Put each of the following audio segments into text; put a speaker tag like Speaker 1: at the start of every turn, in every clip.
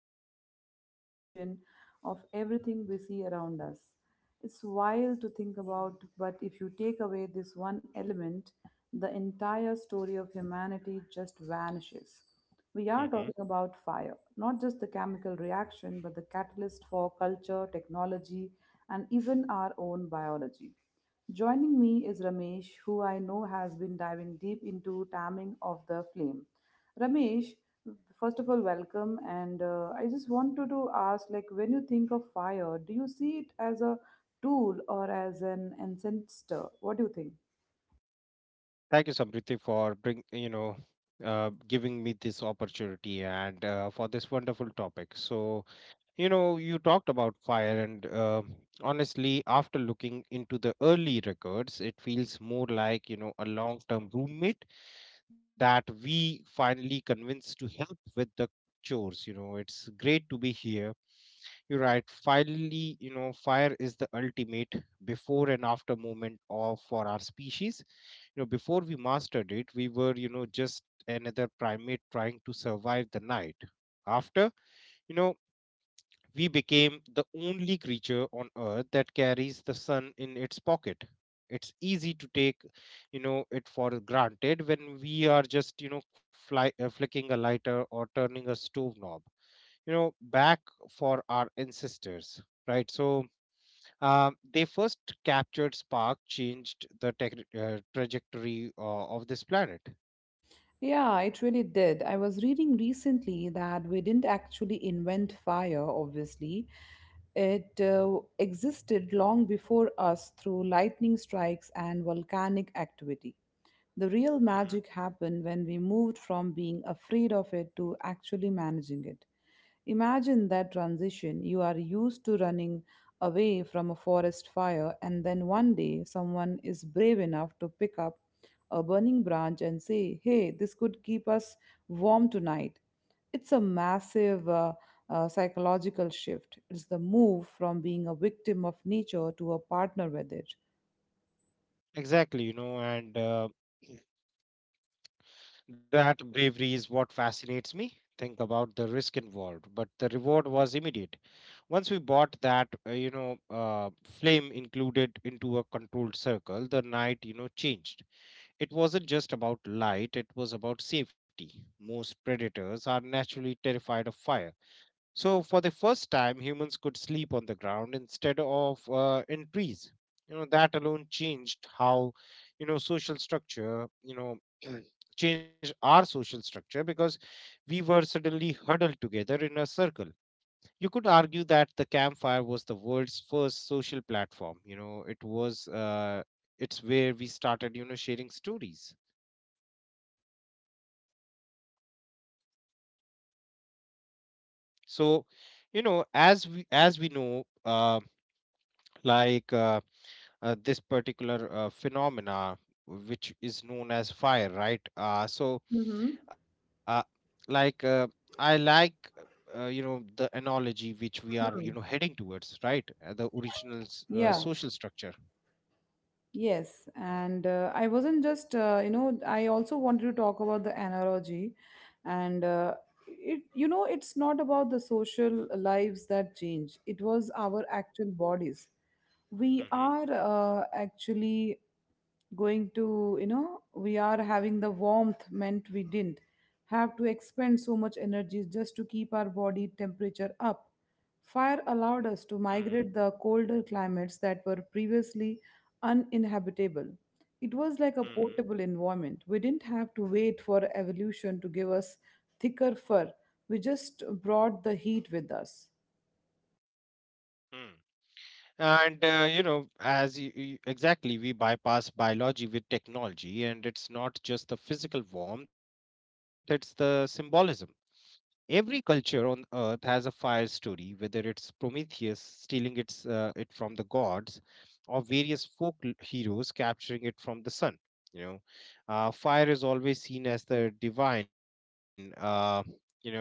Speaker 1: literally the foundation of everything we see around us. It's wild to think about, but if you take away this one element, the entire story of humanity just vanishes. We are
Speaker 2: Mm-hmm.
Speaker 1: talking about fire, not just the chemical reaction, but the catalyst for culture, technology, and even our own biology. Joining me is Ramesh, who I know has been diving deep into taming of the flame. Ramesh, first of all, welcome. And I just wanted to ask, like, when you think of fire, do you see it as a tool or as an ancestor? What do you think?
Speaker 2: Thank you, Samriti, for bring you know giving me this opportunity, and for this wonderful topic. So you talked about fire, and honestly, after looking into the early records, it feels more like a long-term roommate that we finally convinced to help with the chores. You know, it's great to be here. You're right. Finally, you know, fire is the ultimate before and after moment of for our species. You know, before we mastered it, we were, you know, just another primate trying to survive the night. After, you know, we became the only creature on earth that carries the sun in its pocket. It's easy to take, you know, it for granted when we are just, you know, flicking a lighter or turning a stove knob. You know, back for our ancestors, right? So they first captured spark, changed the trajectory of this planet.
Speaker 1: Yeah, it really did. I was reading recently that we didn't actually invent fire, obviously. It existed long before us through lightning strikes and volcanic activity. The real
Speaker 2: Hmm.
Speaker 1: magic happened when we moved from being afraid of it to actually managing it. Imagine that transition. You are used to running away from a forest fire, and then one day someone is brave enough to pick up a burning branch and say, "Hey, this could keep us warm tonight." It's a massive psychological shift. It's the move from being a victim of nature to a partner with it.
Speaker 2: Exactly, you know, and that bravery is what fascinates me. Think about the risk involved, but the reward was immediate. Once we bought that, flame included into a controlled circle, the night, you know, changed. It wasn't just about light, it was about safety. Most predators are naturally terrified of fire. So, for the first time, humans could sleep on the ground instead of in trees. You know, that alone changed how, you know, social structure, you know, changed our social structure, because we were suddenly huddled together in a circle. You could argue that the campfire was the world's first social platform. You know, it was, it's where we started, you know, sharing stories. So, you know, as we know, like. Uh, this particular phenomena, which is known as fire, right? So
Speaker 1: Mm-hmm.
Speaker 2: uh, like I like You know, the analogy which we are, you know,
Speaker 1: Hmm.
Speaker 2: heading towards, right? The original
Speaker 1: Yeah.
Speaker 2: social structure.
Speaker 1: Yes, and I wasn't just, I also wanted to talk about the analogy, and it, it's not about the social lives that change. It was our actual bodies. We are
Speaker 2: Mm-hmm.
Speaker 1: actually going to, we are having the warmth meant we didn't have to expend so much energy just to keep our body temperature up. Fire allowed us to migrate
Speaker 2: Mm-hmm.
Speaker 1: the colder climates that were previously uninhabitable. It was like a portable environment. We didn't have to wait for evolution to give us thicker fur. We just brought the heat with us.
Speaker 2: Mm-hmm. Mm. and you know, as you exactly, we bypass biology with technology. And it's not just the physical warmth, it's the symbolism. Every culture on earth has a fire story, whether it's Prometheus stealing it from the gods, or various folk heroes capturing it from the sun. You know, fire is always seen as the divine, you know,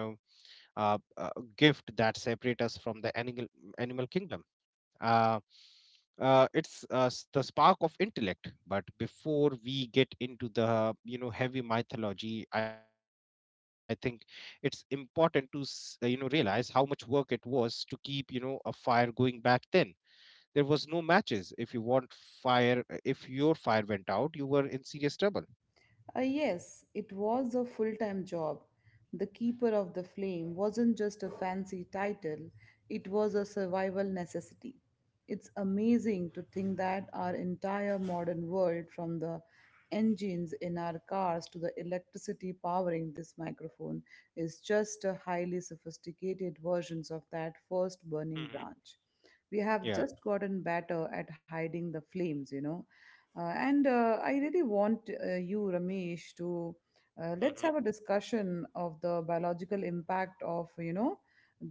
Speaker 2: uh, uh, gift that separates us from the animal kingdom. Uh, it's the spark of intellect. But before we get into the, you know, heavy mythology, I think it's important to you know, realize how much work it was to keep, you know, a fire going back then. There was no matches. If you want fire, if your fire went out, you were in serious trouble.
Speaker 1: Yes, it was a full time job. The Keeper of the Flame wasn't just a fancy title, it was a survival necessity. It's amazing to think that our entire modern world, from the engines in our cars to the electricity powering this microphone, is just a highly sophisticated versions of that first burning
Speaker 2: Mm-hmm.
Speaker 1: branch. We have
Speaker 2: Yeah.
Speaker 1: just gotten better at hiding the flames. And I really want you Ramesh to let's
Speaker 2: Mm-hmm.
Speaker 1: have a discussion of the biological impact of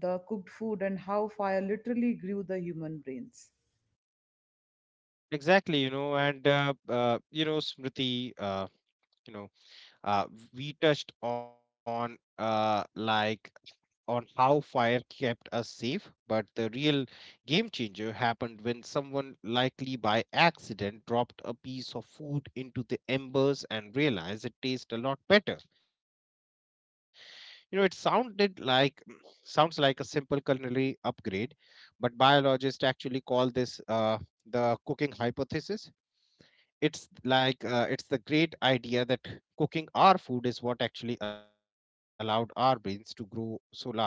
Speaker 1: the cooked food and how fire literally grew the human brains.
Speaker 2: Exactly, you know, and you know, Smriti, you know, uh, we touched on on how fire kept us safe, but the real game changer happened when someone, likely by accident, dropped a piece of food into the embers and realized it tastes a lot better. You know, it sounded like sounds like a simple culinary upgrade, but biologists actually call this the cooking hypothesis. It's it's the great idea that cooking our food is what actually allowed our brains to grow so large.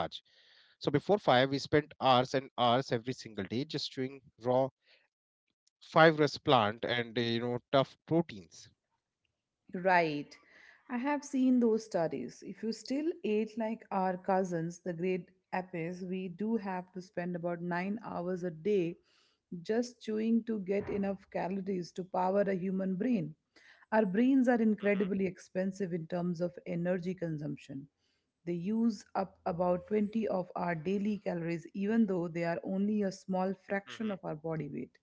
Speaker 2: So before five, we spent hours and hours every single day just chewing raw fibrous plant and, you know, tough proteins.
Speaker 1: Right. I have seen those studies. If you still ate like our cousins, the great apes, we do have to spend about 9 hours a day just chewing to get enough calories to power a human brain. Our brains are incredibly
Speaker 2: Mhm.
Speaker 1: expensive in terms of energy consumption. They use up about 20 of our daily calories, even though they are only a small fraction of our body
Speaker 2: Mhm.
Speaker 1: weight.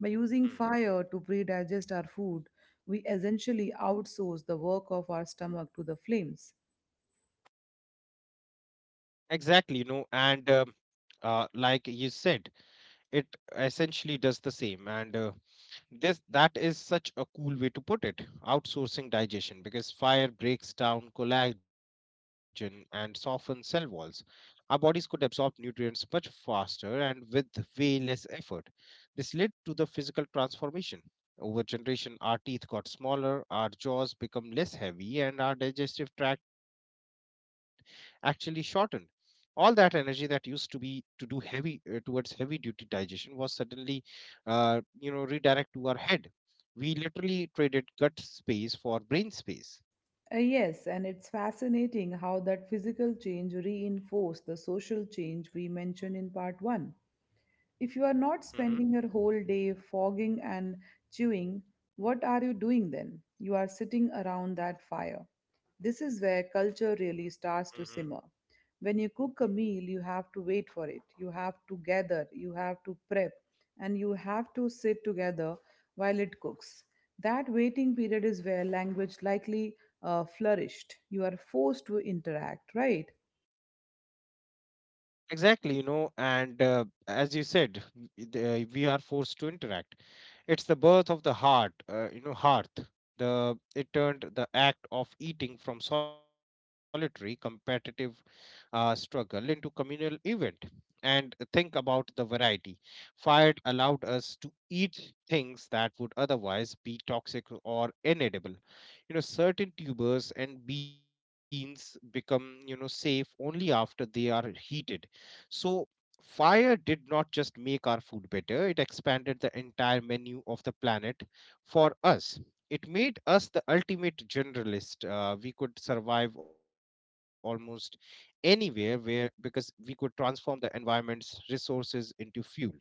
Speaker 1: By using fire to pre
Speaker 2: Hmm.
Speaker 1: digest our food, we essentially outsource the work of our stomach to the flames.
Speaker 2: Exactly, you know, and like you said, it essentially does the same. And this that is such a cool way to put it. Outsourcing digestion, because fire breaks down collagen and softens cell walls. Our bodies could absorb nutrients much faster and with way less effort. This led to the physical transformation. Over generation, our teeth got smaller, our jaws become less heavy, and our digestive tract actually shortened. All that energy that used to be to do heavy towards heavy duty digestion was suddenly you know, redirect to our head. We literally traded gut space for brain space.
Speaker 1: Yes, and it's fascinating how that physical change reinforced the social change we mentioned in part 1. If you are
Speaker 2: Mm-hmm.
Speaker 1: not spending your whole day fogging and chewing, what are you doing then? You are sitting around that fire. This is where culture
Speaker 2: Mm-hmm.
Speaker 1: really starts to simmer. When you cook a meal, you have to wait for it. You have to gather, you have to prep, and you have to sit together while it cooks. That waiting period is where language likely flourished. You are forced to interact, right?
Speaker 2: exactly you know and as you said, we are forced to interact. It's the birth of the heart you know, hearth. The it turned the act of eating from solitary competitive struggle into communal event. And think about the variety. Fired allowed us to eat things that would otherwise be toxic or inedible. You know, certain tubers and beans become, you know, safe only after they are heated. So fire did not just make our food better, it expanded the entire menu of the planet for us. It made us the ultimate generalist. Uh, we could survive almost anywhere where because we could transform the environment's resources into fuel, right?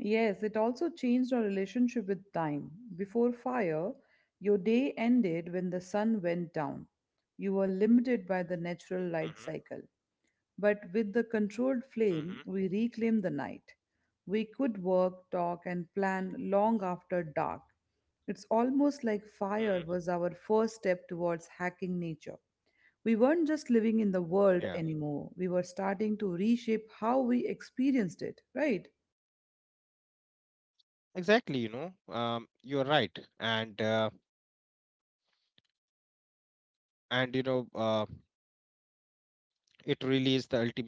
Speaker 1: Yes, it also changed our relationship with time. Before fire, your day ended when the sun went down. You were
Speaker 2: Mm-hmm.
Speaker 1: limited by the natural light cycle. But
Speaker 2: Mm-hmm.
Speaker 1: with the controlled flame, we reclaimed the night. We could work, talk, and plan long after dark. It's
Speaker 2: Mm-hmm.
Speaker 1: almost like fire was our first step towards hacking nature. We weren't
Speaker 2: yeah
Speaker 1: just living in the world anymore, we were starting to reshape how we experienced it, right?
Speaker 2: exactly you know you're right. And you know, it really is the ultimate tool, but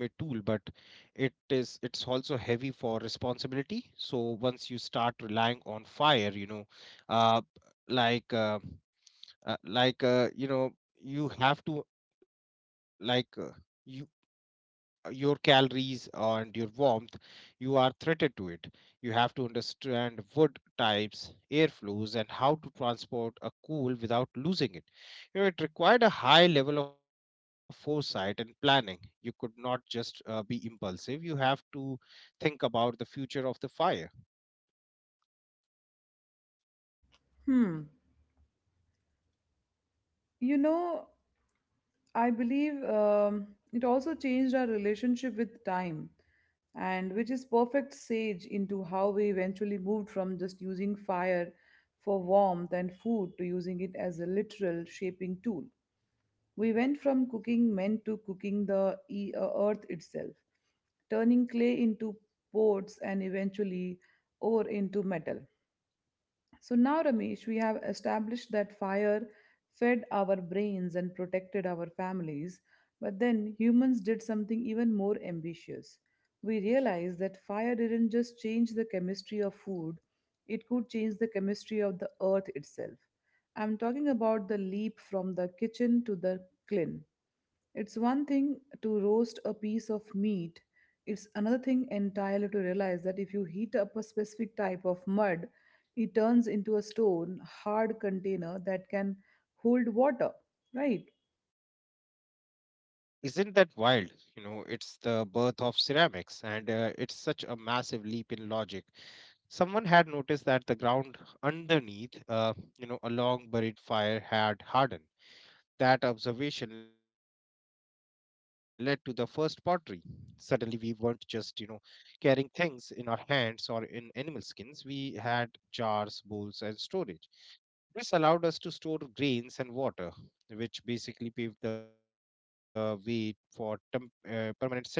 Speaker 2: it's also heavy for responsibility. So once you start relying on fire, you know, uh, like uh, you know, you have to, like uh, your calories and your warmth, you are threatened to it. You have to understand wood types, airflows, and how to transport a cool without losing it. You know, it required a high level of foresight and planning. You could not just be impulsive. You have to think about the future of the fire.
Speaker 1: Hmm. You know, I believe it also changed our relationship with time, and which is perfect sage into how we eventually moved from just using fire for warmth and food to using it as a literal shaping tool. We went from cooking men to cooking the earth itself, turning clay into pots and eventually ore into metal. So now, Ramesh, we have established that fire fed our brains and protected our families, but then humans did something even more ambitious. We realized that fire didn't just change the chemistry of food, it could change the chemistry of the earth itself. I'm talking about the leap from the kitchen to the kiln. It's one thing to roast a piece of meat. It's another thing entirely to realize that if you heat up a specific type of mud, it turns into a stone hard container that can hold water, right?
Speaker 2: Isn't that wild? You know, it's the birth of ceramics, and it's such a massive leap in logic. Someone had noticed that the ground underneath, you know, a long buried fire had hardened. That observation led to the first pottery. Suddenly, we weren't just, you know, carrying things in our hands or in animal skins. We had jars, bowls, and storage. This allowed us to store grains and water, which basically paved the way for permanent settlements.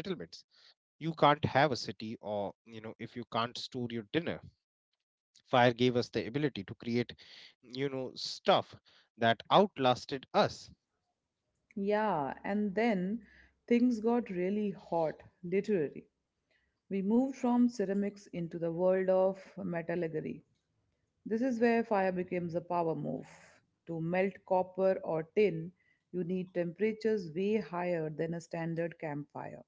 Speaker 2: You can't have a city, or, you know, if you can't store your dinner. Fire gave us the ability to create, you know, stuff that outlasted us.
Speaker 1: Yeah, and then things got really hot, literally. We moved from ceramics into the world of metallurgy. This is where fire becomes a power move. To melt copper or tin, you need temperatures way higher than a standard campfire.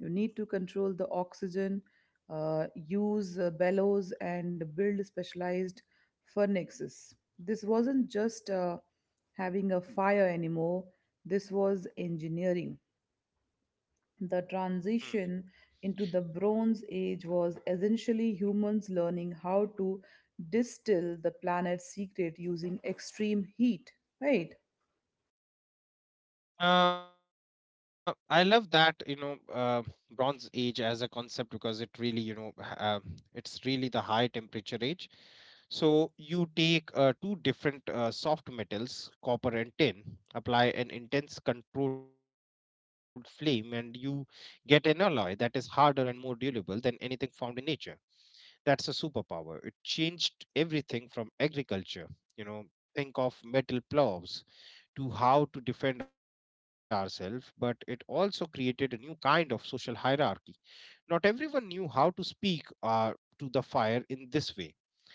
Speaker 1: You need to control the oxygen, use bellows, and build specialized furnaces. This wasn't just having a fire anymore, this was engineering. The transition into the Bronze Age was essentially humans learning how to distill the planet's secret using extreme heat, right?
Speaker 2: I love that, you know, Bronze Age as a concept because it really, you know, it's really the high temperature age. So you take two different soft metals, copper and tin, apply an intense controlled flame, and you get an alloy that is harder and more durable than anything found in nature. That's a superpower. It changed everything from agriculture, you know, think of metal plows, to how to defend ourselves. But it also created a new kind of social hierarchy. Not everyone knew how to speak to the fire in this way.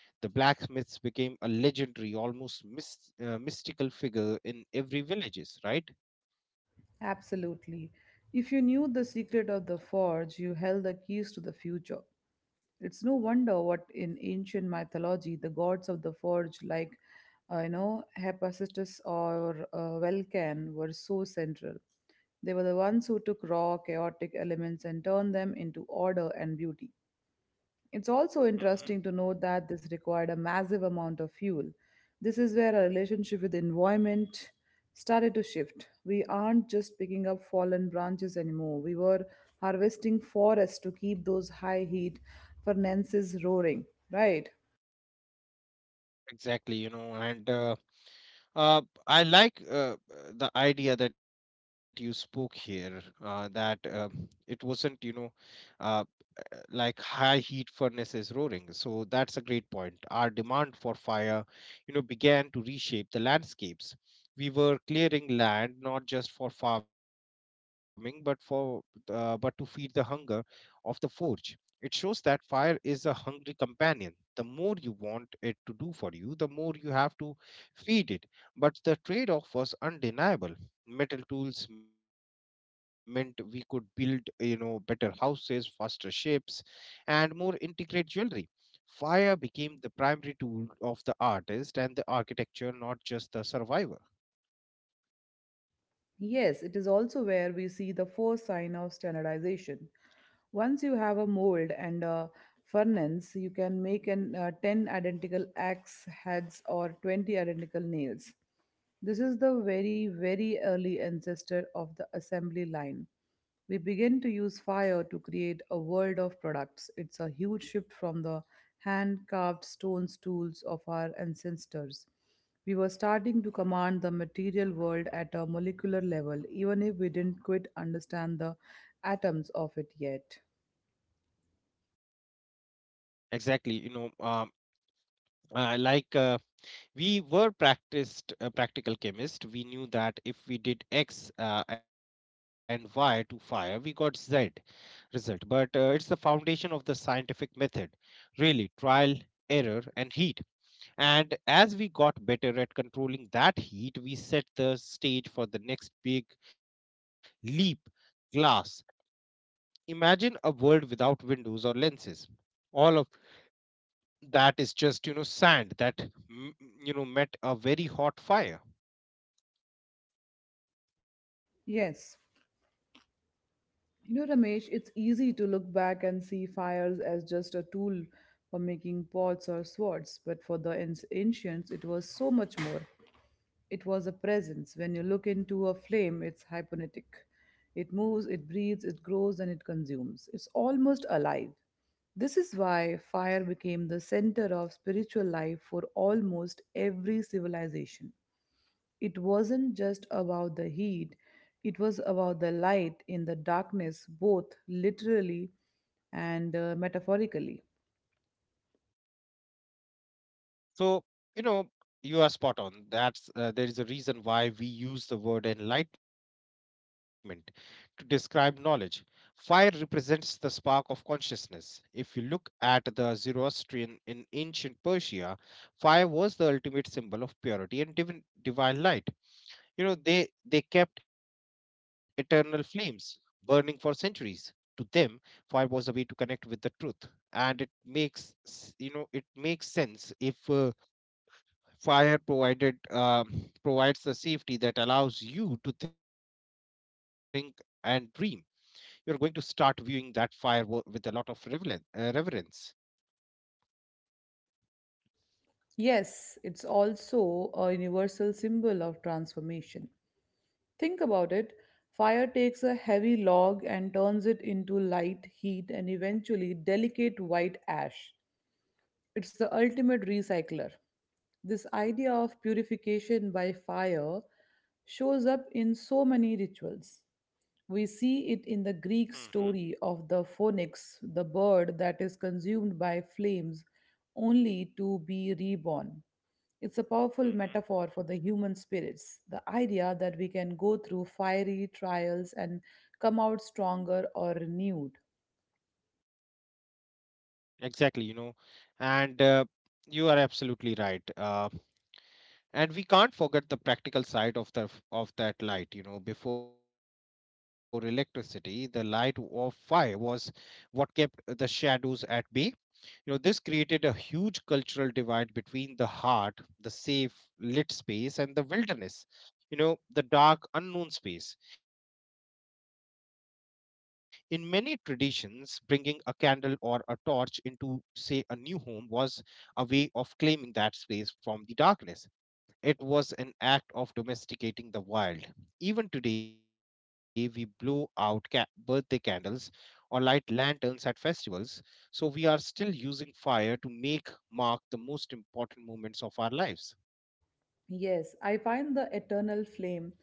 Speaker 2: The blacksmiths became a legendary, almost mystical figure in every villages, right?
Speaker 1: Absolutely. If you knew the secret of the forge, you held the keys to the future. It's no wonder what in ancient mythology the gods of the forge, like Hephaestus or Vulcan, were so central. They were the ones who took raw, chaotic elements and turned them into order and beauty.
Speaker 2: Hmm.
Speaker 1: It's also interesting to note that this required a massive amount of fuel. This is where our relationship with the environment started to shift. We aren't just picking up fallen branches anymore. We were harvesting forests to keep those high heat furnaces roaring, right?
Speaker 2: Exactly, you know, and Uh, I like the idea that you spoke here, that it wasn't, you know, uh, high heat furnaces roaring. So that's a great point. Our demand for fire, you know, began to reshape the landscapes. We were clearing land not just for farming, but for but to feed the hunger of the forge. It shows that fire is a hungry companion. The more you want it to do for you, the more you have to feed it. But the trade-off was undeniable. Metal tools meant we could build, you know, better houses, faster ships, and more intricate jewelry. Fire became the primary tool of the artist and the architecture, not just the survivor.
Speaker 1: Yes, it is also where we see the first sign of standardization. Once you have a mold and a furnace, you can make an, 10 identical axe heads or 20 identical nails. This is the very, very early ancestor of the assembly line. We begin to use fire to create a world of products. It's a huge shift from the hand carved stone tools of our ancestors. We were starting to command the material world at a molecular level, even if we didn't quite understand the atoms of it yet.
Speaker 2: Exactly, you know, uh, like uh, we were practiced practical chemists. We knew that if we did X and Y to fire, we got Z result, but it's the foundation of the scientific method, really trial, error, and heat. And as we got better at controlling that heat, we set the stage for the next big leap: glass. Imagine a world without windows or lenses. All of that is just, you know, sand that, you know, met a very hot fire.
Speaker 1: Yes, you know, Ramesh, it's easy to look back and see fires as just a tool for making pots or swords, but for the ancients, it was so much more. It was a presence. When you look into a flame, it's hypnotic. It moves, it breathes, it grows, and it consumes. It's almost alive. This is why fire became the center of spiritual life for almost every civilization. It wasn't just about the heat, it was about the light in the darkness, both literally and metaphorically.
Speaker 2: So, you know, you are spot on. That's There is a reason why we use the word enlightenment to describe knowledge. Fire represents the spark of consciousness. If you look at the Zoroastrian in ancient Persia, fire was the ultimate symbol of purity and divine light. You know, they kept eternal flames burning for centuries. To them, fire was a way to connect with the truth, and it makes s- you know it makes sense if fire provided provides the safety that allows you to think and dream. You're going to start viewing that fire with a lot of reverence.
Speaker 1: Yes, it's also a universal symbol of transformation. Think about it, fire takes a heavy log and turns it into light, heat, and eventually delicate white ash. It's the ultimate recycler. This idea of purification by fire shows up in so many rituals. We see it in the Greek story of the phoenix, the bird that is consumed by flames only to be reborn. It's a
Speaker 2: Hmm.
Speaker 1: powerful metaphor for the human spirits, the idea that we can go through fiery trials and come out stronger or renewed.
Speaker 2: Exactly. And uh, you are absolutely right. And we can't forget the practical side of that light. Before electricity, the light of fire was what kept the shadows at bay. This created a huge cultural divide between the heart, the safe, lit space, and the wilderness, the dark, unknown space. In many traditions, bringing a candle or a torch into, say, a new home was a way of claiming that space from the darkness. It was an act of domesticating the wild. Even today, we blow out birthday candles or light lanterns at festivals, so we are still using fire to make mark the most important moments of our lives.
Speaker 1: Yes, I find the eternal flame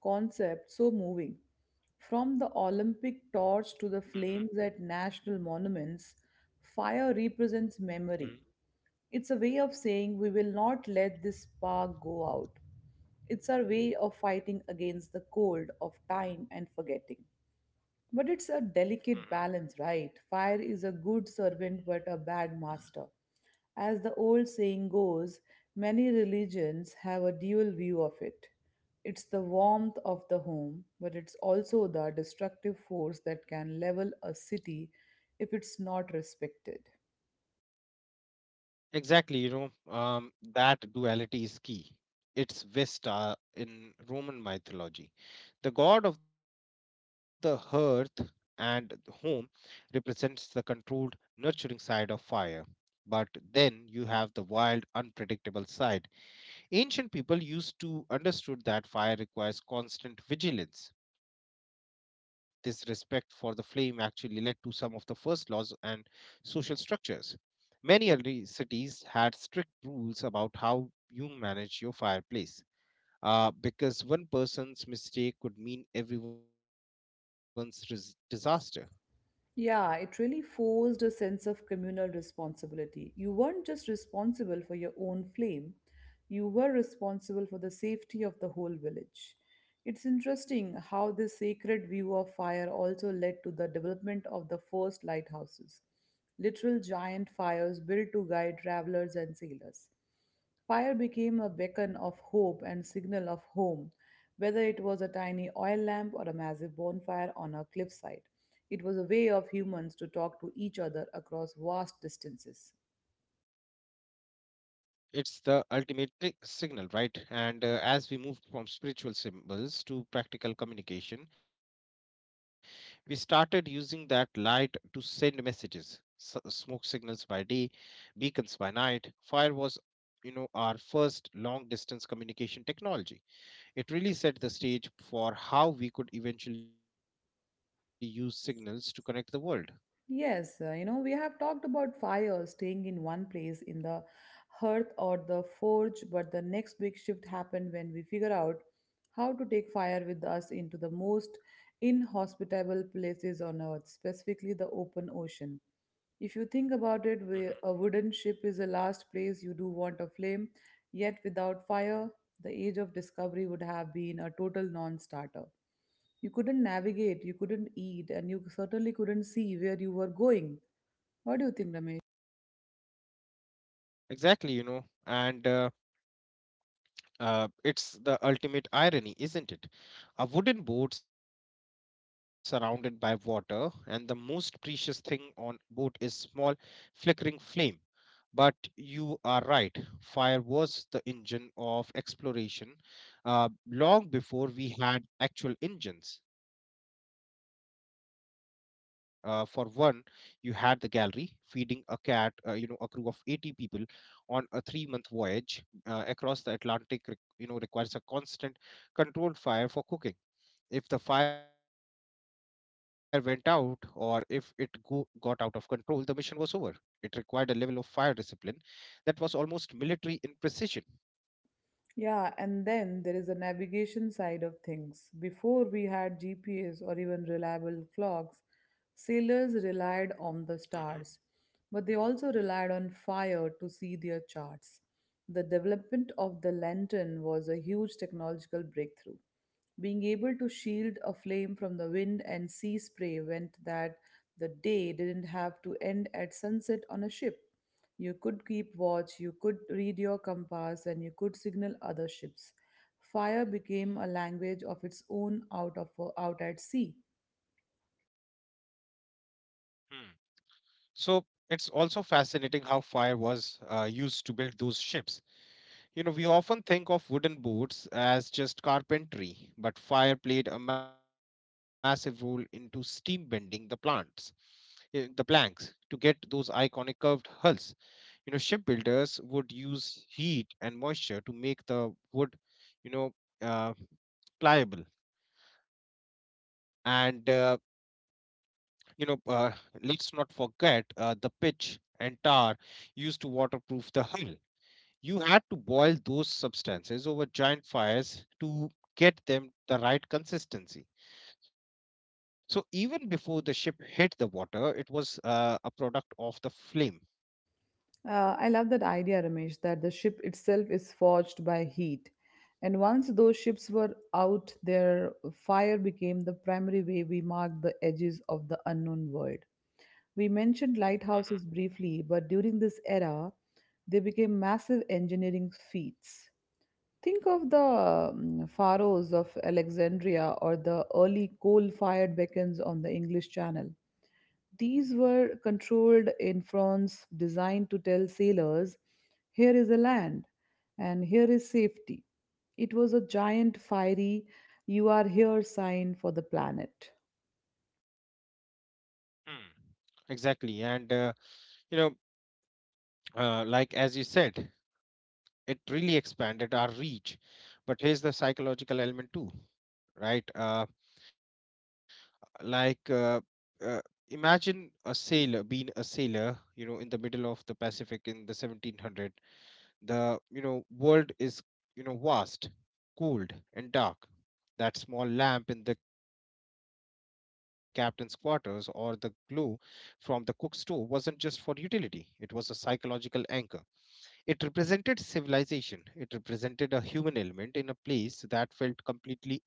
Speaker 1: concept so moving. From
Speaker 2: Mm-hmm.
Speaker 1: the Olympic torch to the flames at national monuments, fire represents memory. It's a way of saying we will not let this spark go out. It's our way of fighting against the cold of time and forgetting. But
Speaker 2: Mm-hmm.
Speaker 1: it's a delicate balance, right? Fire is a good servant but a bad master. As the old saying goes, many religions have a dual view of it. It's the warmth of the home, but it's also the destructive force that can level a city if it's not respected.
Speaker 2: Exactly. That duality is key. It's Vesta in Roman mythology. The god of the hearth and the home represents the controlled, nurturing side of fire. But then you have the wild, unpredictable side. Ancient people used to understood that fire requires constant vigilance. This respect for the flame actually led to some of the first laws and social structures. Many early cities had strict rules about how you manage your fireplace, because one person's mistake could mean everyone's disaster.
Speaker 1: Yeah, it really forced a sense of communal responsibility. You weren't just responsible for your own flame, you were responsible for the safety of the whole village. It's interesting how this sacred view of fire also led to the development of the first lighthouses, literal giant fires built to guide travelers and sailors. Fire became a beacon of hope and signal of home, whether it was a tiny oil lamp or a massive bonfire on a cliffside. It was a way of humans to talk to each other across vast distances.
Speaker 2: It's the ultimate signal, right? And as we moved from spiritual symbols to practical communication, we started using that light to send messages. Smoke signals by day, beacons by night. Fire was, our first long distance communication technology. It really set the stage for how we could eventually use signals to connect the world.
Speaker 1: Yes, you know, we have talked about fire staying in one place in the hearth or the forge, but the next big shift happened when we figure out how to take fire with us into the most inhospitable places on earth, specifically the open ocean. If you think
Speaker 2: Hmm.
Speaker 1: about it, a wooden ship is the last place you do want a flame, yet without fire, the age of discovery would have been a total non starter. You couldn't navigate, you couldn't eat, and you certainly couldn't see where you were going. What do you think, Ramesh?
Speaker 2: Exactly. you know, and It's the ultimate irony, isn't it? A wooden boat surrounded by water, and the most precious thing on boat is small flickering flame. But you are right, fire was the engine of exploration long before we had actual engines. For one, you had the gallery feeding a cat, a crew of 80 people on a 3-month voyage across the Atlantic, requires a constant controlled fire for cooking. If the fire went out or if it got out of control, the mission was over. It required a level of fire discipline that was almost military in precision.
Speaker 1: Yeah, and then there is the navigation side of things. Before we had GPS or even reliable clocks, sailors
Speaker 2: Hmm.
Speaker 1: relied on the stars, but they also relied on fire to see their charts. The development of the lantern was a huge technological breakthrough. Being able to shield a flame from the wind and sea spray meant that the day didn't have to end at sunset on a ship. You could keep watch, you could read your compass, and you could signal other ships. Fire became a language of its own out at sea.
Speaker 2: Hmm. So it's also fascinating how fire was used to build those ships. We often think of wooden boats as just carpentry, but fire played a massive role into steam bending the planks to get those iconic curved hulls. Shipbuilders would use heat and moisture to make the wood you know uh, pliable and you know uh, let's not forget the pitch and tar used to waterproof the hull. You had to boil those substances over giant fires to get them the right consistency. So even before the ship hit the water, it was a product of the flame.
Speaker 1: I love that idea, Ramesh, that the ship itself is forged by heat. And once those ships were out, their fire became the primary way we marked the edges of the unknown world. We
Speaker 2: Mhm.
Speaker 1: mentioned lighthouses briefly, but during this era, they became massive engineering feats. Think of the Pharos of Alexandria or the early coal fired beacons on the English Channel. These were controlled in France, designed to tell sailors, here is a land and here is safety. It was a giant, fiery, you are here sign for the planet.
Speaker 2: Hmm. Exactly. And, you know, like, as you said, it really expanded our reach. But here's the psychological element too, right? Like uh, imagine a sailor being a sailor, in the middle of the Pacific in the 1700. The world is vast, cold, and dark. That small lamp in the captain's quarters or the glow from the cook stove wasn't just for utility; it was a psychological anchor. It represented civilization. It represented a human element in a place that felt completely alien.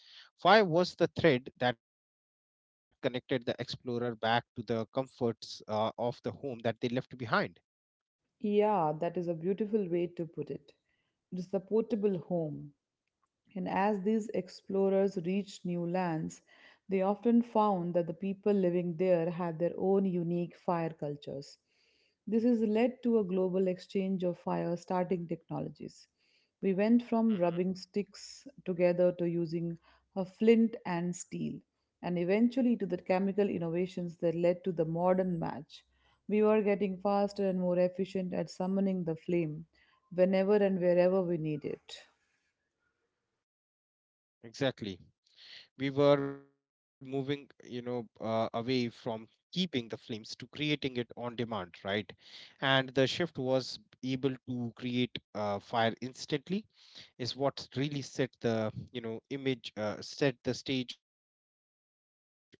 Speaker 2: Fire was the thread that connected the explorer back to the comforts of the home that they left behind.
Speaker 1: Yeah, that is a beautiful way to put it. It is the portable home. And as these explorers reached new lands, they often found that the people living there had their own unique fire cultures. This has led to a global exchange of fire starting technologies. We went
Speaker 2: Hmm.
Speaker 1: from rubbing sticks together to using a flint and steel, and eventually to the chemical innovations that led to the modern match. We were getting faster and more efficient at summoning the flame whenever and wherever we need it.
Speaker 2: Exactly. We were moving, away from keeping the flames to creating it on demand, right? And the shift was able to create fire instantly is what really set the you know image set the stage for the industrial revolution.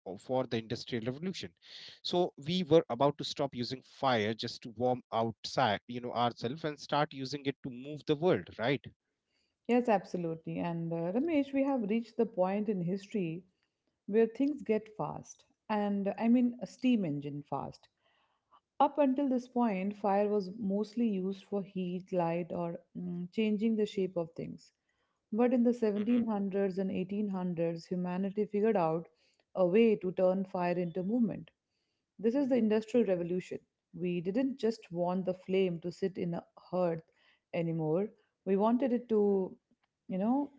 Speaker 2: So we were about to stop using fire just to warm outside ourselves and start using it to move the world, right?
Speaker 1: Yes, absolutely. And Ramesh, we have reached the point in history where things get fast. And I mean, a steam engine fast. Up until this point, fire was mostly used for heat, light, or changing the shape of things. But in the
Speaker 2: Mm-hmm.
Speaker 1: 1700s and 1800s, humanity figured out a way to turn fire into movement. This is the Industrial Revolution. We didn't just want the flame to sit in a hearth anymore. We wanted it to, you know,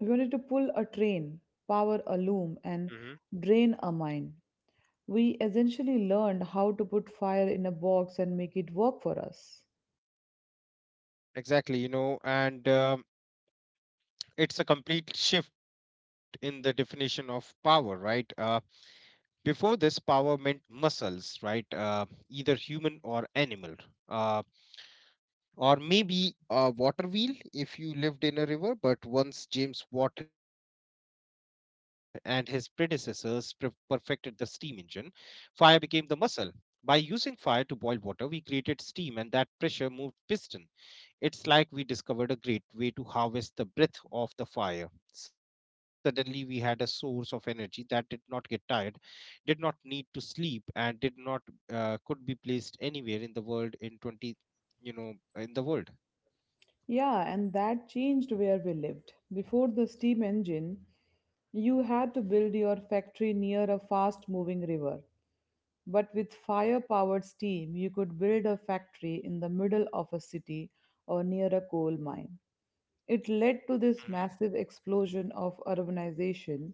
Speaker 1: we wanted to pull a train, power a
Speaker 2: Mm-hmm.
Speaker 1: loom, and drain a mine. We essentially learned how to put fire in a box and make it work for us.
Speaker 2: Exactly. you know and It's a complete shift in the definition of power, right? Before this, power meant muscles, right? Either human or animal. Uh, or maybe a water wheel if you lived in a river. But once James Watt and his predecessors perfected the steam engine, fire became the muscle. By using fire to boil water, we created steam, and that pressure moved piston. It's like we discovered a great way to harvest the breath of the fire. Suddenly, we had a source of energy that did not get tired, did not need to sleep, and did not could be placed anywhere in the world in 20 you know in the world
Speaker 1: Yeah, and that changed where we lived. Before the steam engine, you had to build your factory near a fast moving river. But with fire powered steam, you could build a factory in the middle of a city or near a coal mine. It led to
Speaker 2: Mhm.
Speaker 1: this massive explosion of urbanization.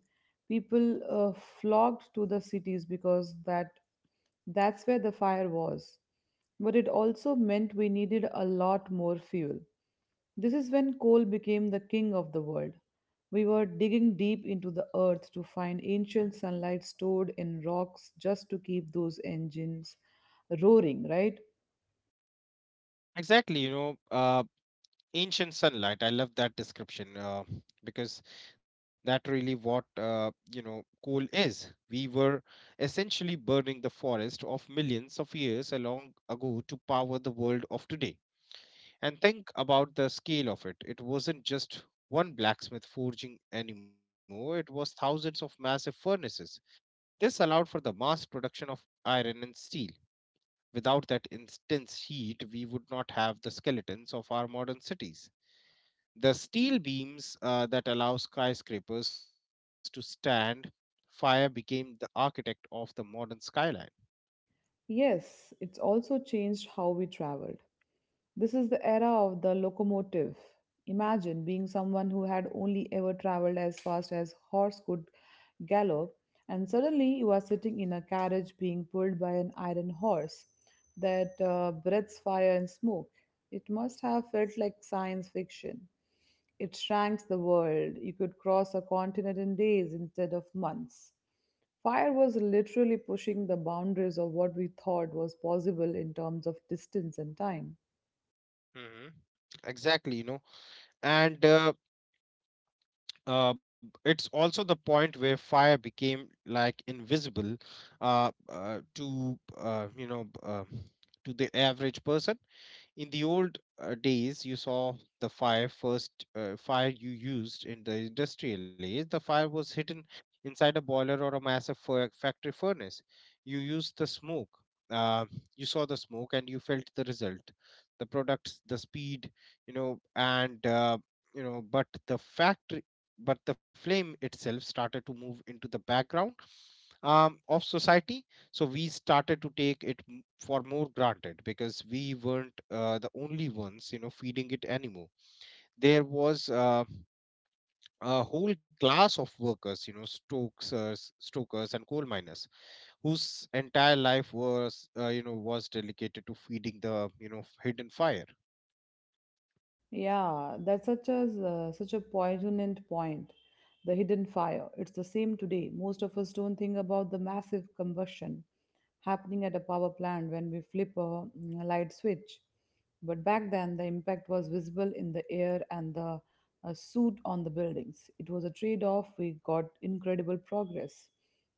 Speaker 1: People flocked to the cities because that's where the fire was. But it also meant we needed a lot more fuel. This is when coal became the king of the world. We were digging deep into the earth to find ancient sunlight stored in rocks just to keep those engines roaring, right?
Speaker 2: Exactly. Ancient sunlight. I love that description because that really what coal is. We were essentially burning the forest of millions of years along ago to power the world of today. And think about the scale of it. It wasn't just one blacksmith forging anymore. It was thousands of massive furnaces. This allowed for the mass production of iron and steel. Without that intense heat, we would not have the skeletons of our modern cities. The steel beams that allow skyscrapers to stand, fire became the architect of the modern skyline.
Speaker 1: Yes, it's also changed how we traveled. This is the era of the locomotive. Imagine being someone who had only ever traveled as fast as horse could gallop, and suddenly you are sitting in a carriage being pulled by an iron horse that breathes fire and smoke. It must have felt like science fiction. It shrank the world. You could cross a continent in days instead of months. Fire was literally pushing the boundaries of what we thought was possible in terms of distance and time.
Speaker 2: Hmm. Exactly. you know, and uh, it's also the point where fire became like invisible to you know to the average person. In the old days, you saw the fire first. Fire you used in the industrial age, the fire was hidden inside a boiler or a massive factory furnace. You used the smoke uh, you saw the smoke and you felt the result, the products, the speed. You know and you know But the factory but the flame itself started to move into the background of society. So we started to take it for more granted because we weren't the only ones, feeding it anymore. There was a whole class of workers, stokers, and coal miners whose entire life was you know was dedicated to feeding the hidden fire.
Speaker 1: Yeah, that's such a such a poignant point. The hidden fire. It's the same today. Most of us don't think about the massive combustion happening at a power plant when we flip a light switch. But back then, the impact was visible in the air and the soot on the buildings. It was a trade off. We got incredible progress.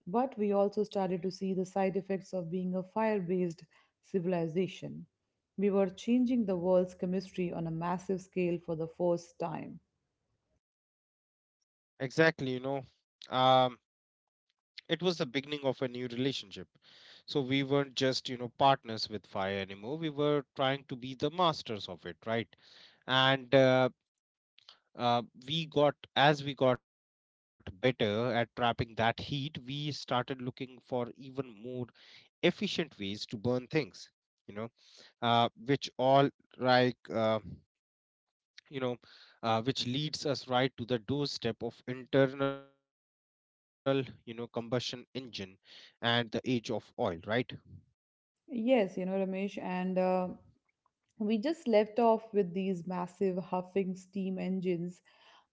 Speaker 1: But we also started to see the side effects of being a fire based civilization. We were changing the world's chemistry on a massive scale for the first time.
Speaker 2: Exactly. Um it was the beginning of a new relationship. So we weren't just partners with fire anymore. We were trying to be the masters of it, right? And uh, as we got better at trapping that heat, we started looking for even more efficient ways to burn things, you know, which all like, uh, you know, which leads us right to the doorstep of internal combustion engine and the age of oil, right?
Speaker 1: Yes, you know, Ramesh, and we just left off with these massive huffing steam engines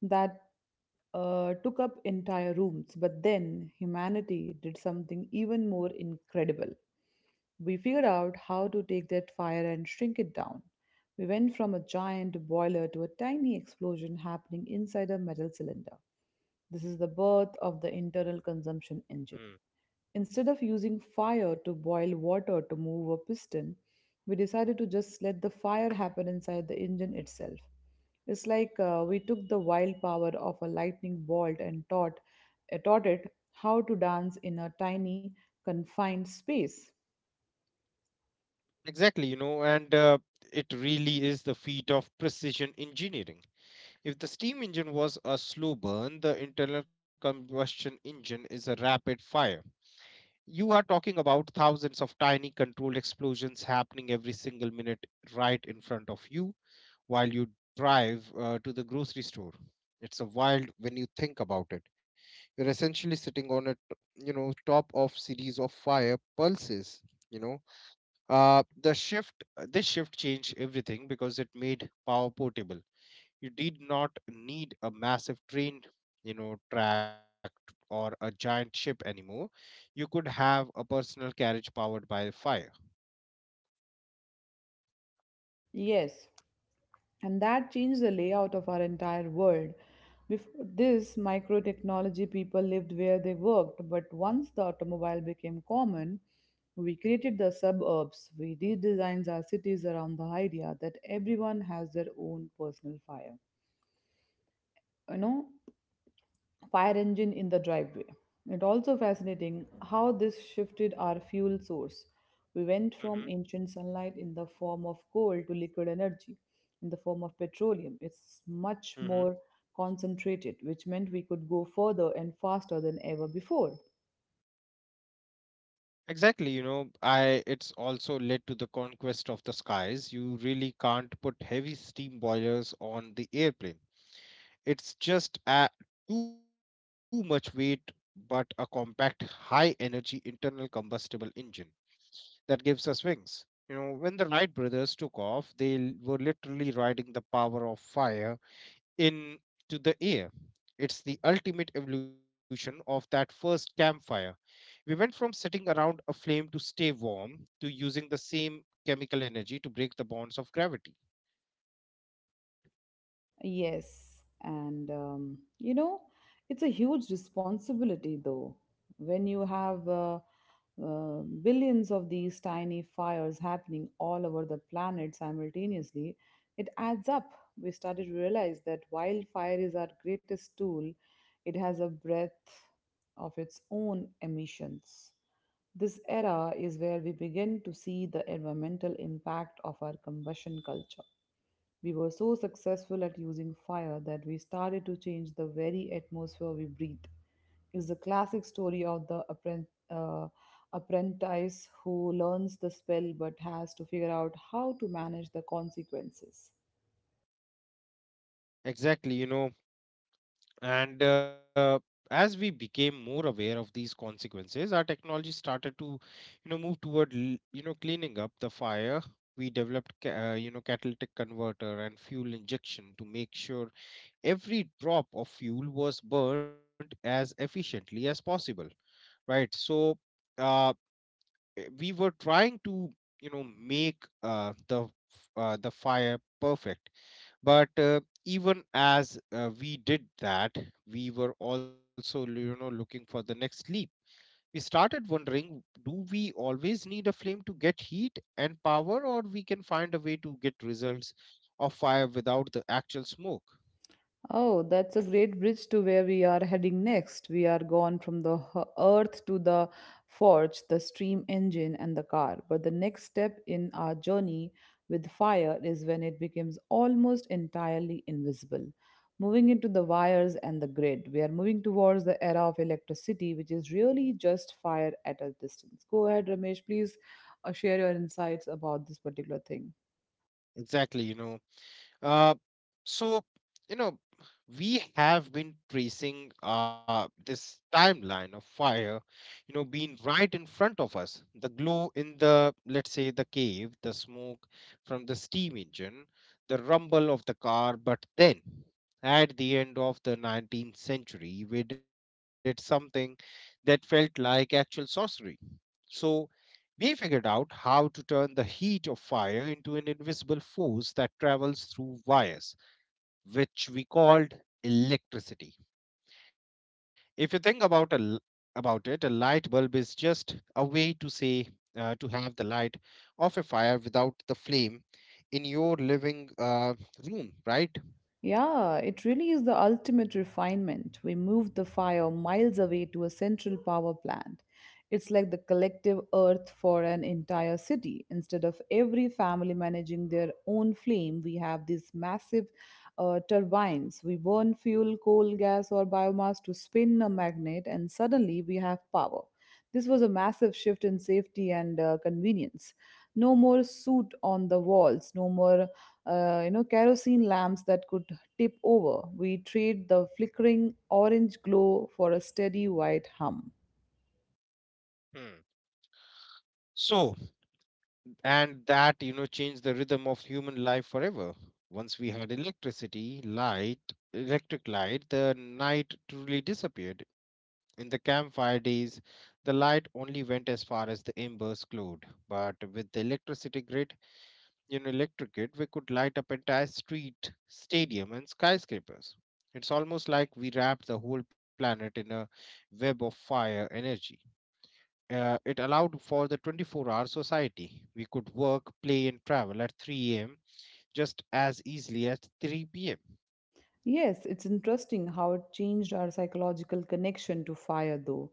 Speaker 1: that took up entire rooms. But then humanity did something even more incredible. We figured out how to take that fire and shrink it down. We went from a giant boiler to a tiny explosion happening inside a metal cylinder. This is the birth
Speaker 2: Mm.
Speaker 1: of the internal consumption engine. Instead of using fire to boil water to move a piston, we decided to just let the fire happen inside the engine itself. It's like we took the wild power of a lightning bolt and taught it how to dance in a tiny, confined space.
Speaker 2: Exactly. you know, and It really is the feat of precision engineering. If the steam engine was a slow burn, the internal combustion engine is a rapid fire. You are talking about thousands of tiny controlled explosions happening every single minute right in front of you while you drive to the grocery store. It's a wild when you think about it. You're essentially sitting on a top of series of fire pulses, you know, this shift changed everything because it made power portable. You did not need a massive train track or a giant ship anymore. You could have a personal carriage powered by fire.
Speaker 1: Yes, and that changed the layout of our entire world. Before this, micro technology people lived where they worked, but once the automobile became common, we created the suburbs. We redesigned our cities around the idea that everyone has their own personal fire. You know, fire engine in the driveway. It also fascinating how this shifted our fuel source. We went from
Speaker 2: Mm-hmm.
Speaker 1: ancient sunlight in the form of coal to liquid energy in the form of petroleum. It's much
Speaker 2: Mm-hmm.
Speaker 1: more concentrated, which meant we could go further and faster than ever before.
Speaker 2: Exactly. You know, I it's also led to the conquest of the skies. You really can't put heavy steam boilers on the airplane. It's just too much weight, but a compact, high energy internal combustible engine that gives us wings. You know, when the Wright brothers took off, they were literally riding the power of fire in to the air. It's the ultimate evolution of that first campfire. We went from sitting around a flame to stay warm to using the same chemical energy to break the bonds of gravity.
Speaker 1: Yes, and you know, it's a huge responsibility though. When you have billions of these tiny fires happening all over the planet simultaneously, it adds up. We started to realize that wildfire is our greatest tool, it has a breath of its own emissions. This era is where we begin to see the environmental impact of our combustion culture. We were so successful at using fire that we started to change the very atmosphere we breathe. It's the classic story of the apprentice who learns the spell but has to figure out how to manage the consequences.
Speaker 2: Exactly. you know, And As we became more aware of these consequences, our technology started to move toward cleaning up the fire. We developed catalytic converter and fuel injection to make sure every drop of fuel was burned as efficiently as possible. Right. So, uh, we were trying to make the fire perfect. But even as we did that, we were also looking for the next leap. We started wondering, do we always need a flame to get heat and power, or we can find a way to get results of fire without the actual smoke?
Speaker 1: Oh, that's a great bridge to where we are heading next. We are gone from the earth to the forge, the steam engine, and the car. But the next step in our journey with fire is when it becomes almost entirely invisible. Moving into the wires and the grid, we are moving towards the era of electricity, which is really just fire at a distance. Go ahead, Ramesh, please share your insights about this particular thing.
Speaker 2: Exactly. Uh, so, you know, we have been tracing this timeline of fire, being right in front of us. The glow in the, let's say, the cave, the smoke from the steam engine, the rumble of the car. But then, at the end of the 19th century, we did something that felt like actual sorcery. So we figured out how to turn the heat of fire into an invisible force that travels through wires, which we called electricity. If you think about about it, a light bulb is just a way to say to have the light of a fire without the flame in your living room, right?
Speaker 1: Yeah, it really is the ultimate refinement. We moved the fire miles away to a central power plant. It's like the collective earth for an entire city. Instead of every family managing their own flame, we have these massive turbines. We burn fuel, coal, gas, or biomass to spin a magnet, and suddenly we have power. This was a massive shift in safety and convenience. No more soot on the walls, no more you know kerosene lamps that could tip over. We trade the flickering orange glow for a steady white hum.
Speaker 2: Hmm. So and that changed the rhythm of human life forever. Once we had electric light, the night truly disappeared. In the campfire days the light only went as far as the embers glowed, but with the electric grid we could light up entire street, stadium, and skyscrapers. It's almost like we wrapped the whole planet in a web of fire energy. It allowed for the 24-hour hour society. We could work, play, and travel at 3 a.m. just as easily as 3 p.m.
Speaker 1: Yes, it's interesting how it changed our psychological connection to fire though.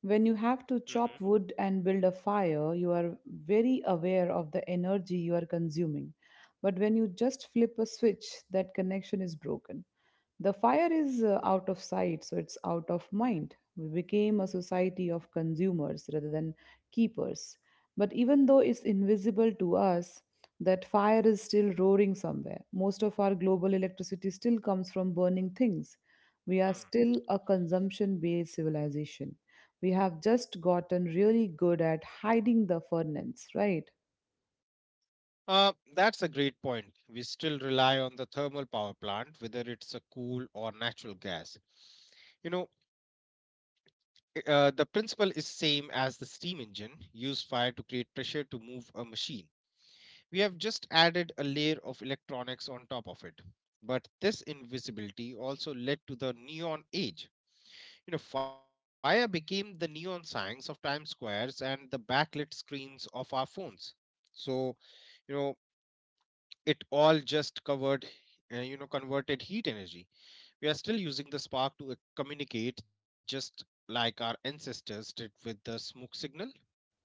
Speaker 1: When you have
Speaker 2: Mhm.
Speaker 1: to chop wood and build a fire you are very aware of the energy you are consuming, but when you just flip a switch that connection is broken. The fire is out of sight, so it's out of mind. We became a society of consumers rather than keepers. But even though it's invisible to us, that fire is still roaring somewhere. Most of our global electricity still comes from burning things. We are
Speaker 2: Mm.
Speaker 1: still a consumption based civilization. We have just gotten really good at hiding the furnace, right?
Speaker 2: That's a great point. We still rely on the thermal power plant, whether it's a coal or natural gas. You know, the principle is same as the steam engine. Use fire to create pressure to move a machine. We have just added a layer of electronics on top of it. But this invisibility also led to the neon age. You know, fire became the neon signs of Times Squares and the backlit screens of our phones. So, you know, it all just converted heat energy. We are still using the spark to communicate just like our ancestors did with the smoke signal.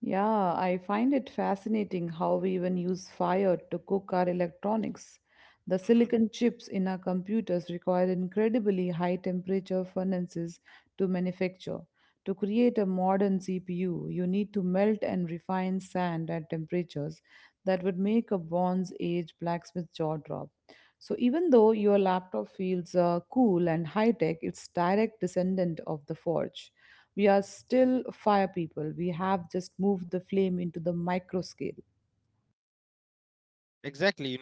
Speaker 1: Yeah, I find it fascinating how we even use fire to cook our electronics. The silicon
Speaker 2: hmm
Speaker 1: chips in our computers require incredibly high temperature furnaces to manufacture. To create a modern CPU, you need to melt and refine sand at temperatures that would make a bronze age blacksmith jaw drop. So even though your laptop feels cool and high tech, it's direct descendant of the forge. We are still fire people. We have just moved the flame into the micro scale.
Speaker 2: Exactly, you know,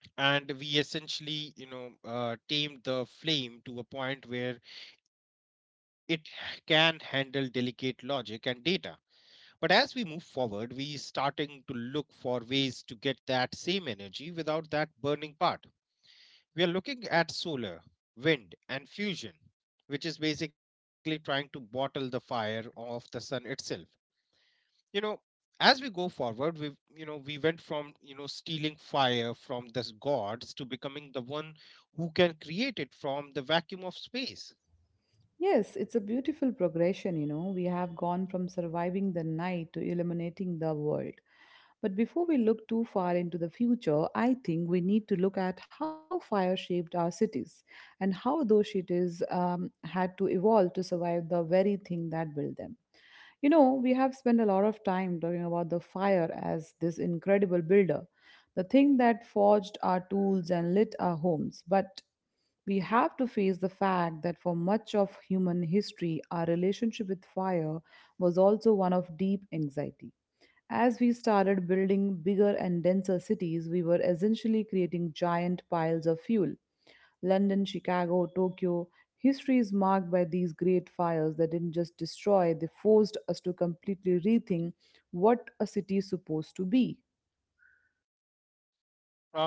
Speaker 2: and we essentially, you know, tamed the flame to a point where it h- can handle delicate logic and data. But as we move forward, we starting to look for ways to get that same energy without that burning part. We are looking at solar, wind, and fusion, which is basically trying to bottle the fire of the sun itself. You know, as we go forward, we went from stealing fire from the gods to becoming the one who can create it from the vacuum of space.
Speaker 1: Yes, it's a beautiful progression, you know. We have gone from surviving the night to illuminating the world. But before we look too far into the future, I think we need to look at how fire shaped our cities and how those cities had to evolve to survive the very thing that built them. You know, we have spent a lot of time talking about the fire as this incredible builder, the thing that forged our tools and lit our homes. But we have to face the fact that for much of human history, our relationship with fire was also one of deep anxiety. As we started building bigger and denser cities, we were essentially creating giant piles of fuel. London, Chicago, Tokyo. History is marked by these great fires that didn't just destroy, they forced us to completely rethink what a city is supposed to be.
Speaker 2: Um,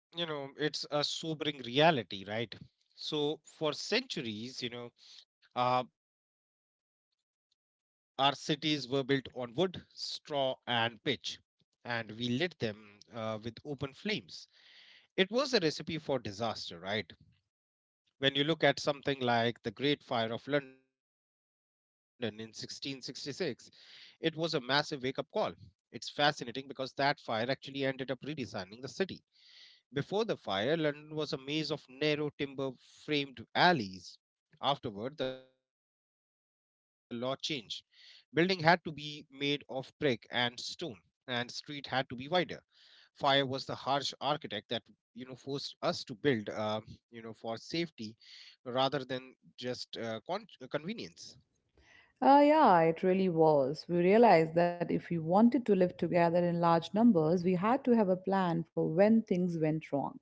Speaker 2: you know, it's a sobering reality, right? So, for centuries, you know, uh, our cities were built on wood, straw, and pitch, and we lit them with open flames. It was a recipe for disaster, right? When you look at something like the Great Fire of London in 1666, it was a massive wake up call. It's fascinating because that fire actually ended up redesigning the city. Before the fire, London was a maze of narrow timber framed alleys. Afterward, the law changed. Building had to be made of brick and stone, and street had to be wider. Fire was the harsh architect that, you know, forced us to build, you know, for safety rather than just convenience.
Speaker 1: Ah, yeah, it really was. We realized that if we wanted to live together in large numbers, we had to have a plan for when things went wrong.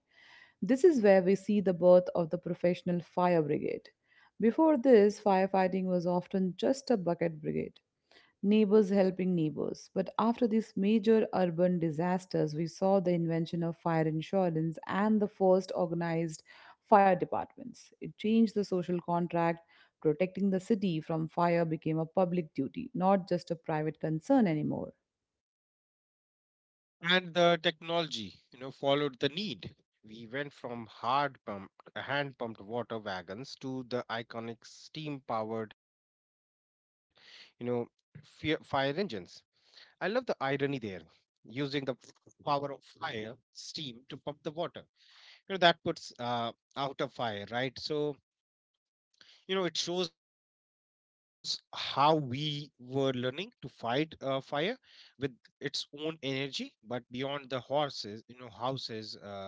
Speaker 1: This is where we see the birth of the professional fire brigade. Before this, firefighting was often just a bucket brigade, neighbors helping neighbors. But after these major urban disasters, we saw the invention of fire insurance and the first organized fire departments. It changed the social contract. Protecting the city from fire became a public duty, not just a private concern anymore.
Speaker 2: And the technology, you know, followed the need. We went from hard pump hand pumped water wagons to the iconic steam powered, you know, fire engines. I love the irony there, using the power of fire steam to pump the water, you know, that puts out a fire, right? So, you know, it shows how we were learning to fight fire with its own energy. But beyond the horses you know houses uh,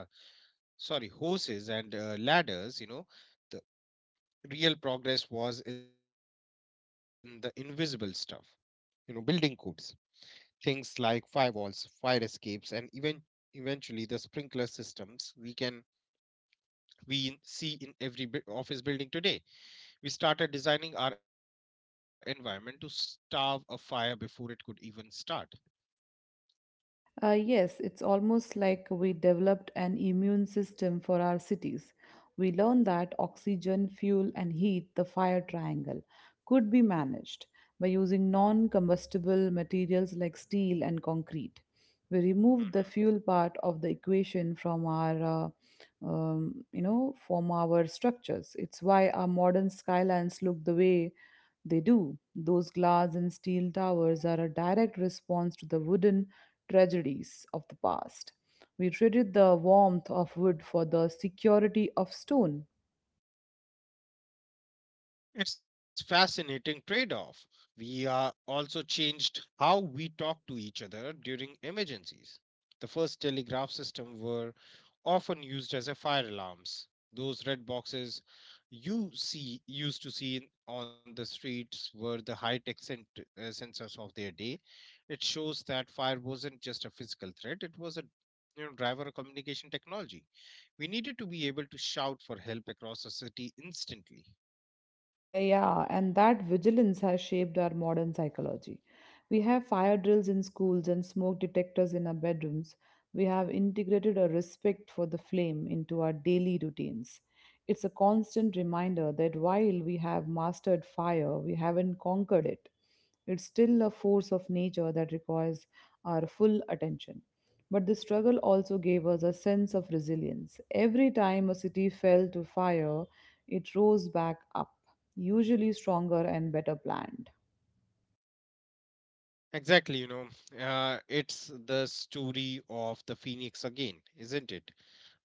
Speaker 2: sorry horses and ladders, you know, the real progress was in the invisible stuff. You know, building codes, things like firewalls, fire escapes, and even eventually the sprinkler systems we see in every office building today. We started designing our environment to starve a fire before it could even start.
Speaker 1: Yes, it's almost like we developed an immune system for our cities. We learned that oxygen, fuel, and heat, the fire triangle, could be managed by using non combustible materials like steel and concrete. We removed the fuel
Speaker 2: Mm-hmm.
Speaker 1: part of the equation from our from our structures. It's why our modern skylines look the way they do. Those glass and steel towers are a direct response to the wooden tragedies of the past. We traded the warmth of wood for the security of stone.
Speaker 2: It's fascinating trade-off. We are also changed how we talk to each other during emergencies. The first telegraph system were often used as a fire alarms. Those red boxes used to see on the streets were the high-tech sensors of their day. It shows that fire wasn't just a physical threat; it was a, you know, driver of communication technology. We needed to be able to shout for help across a city instantly.
Speaker 1: Yeah, and that vigilance has shaped our modern psychology. We have fire drills in schools and smoke detectors in our bedrooms. We have integrated a respect for the flame into our daily routines. It's a constant reminder that while we have mastered fire, we haven't conquered it. It's still a force of nature that requires our full attention. But the struggle also gave us a sense of resilience. Every time a city fell to fire, it rose back up, usually stronger and better planned.
Speaker 2: Exactly, you know, it's the story of the Phoenix again, isn't it?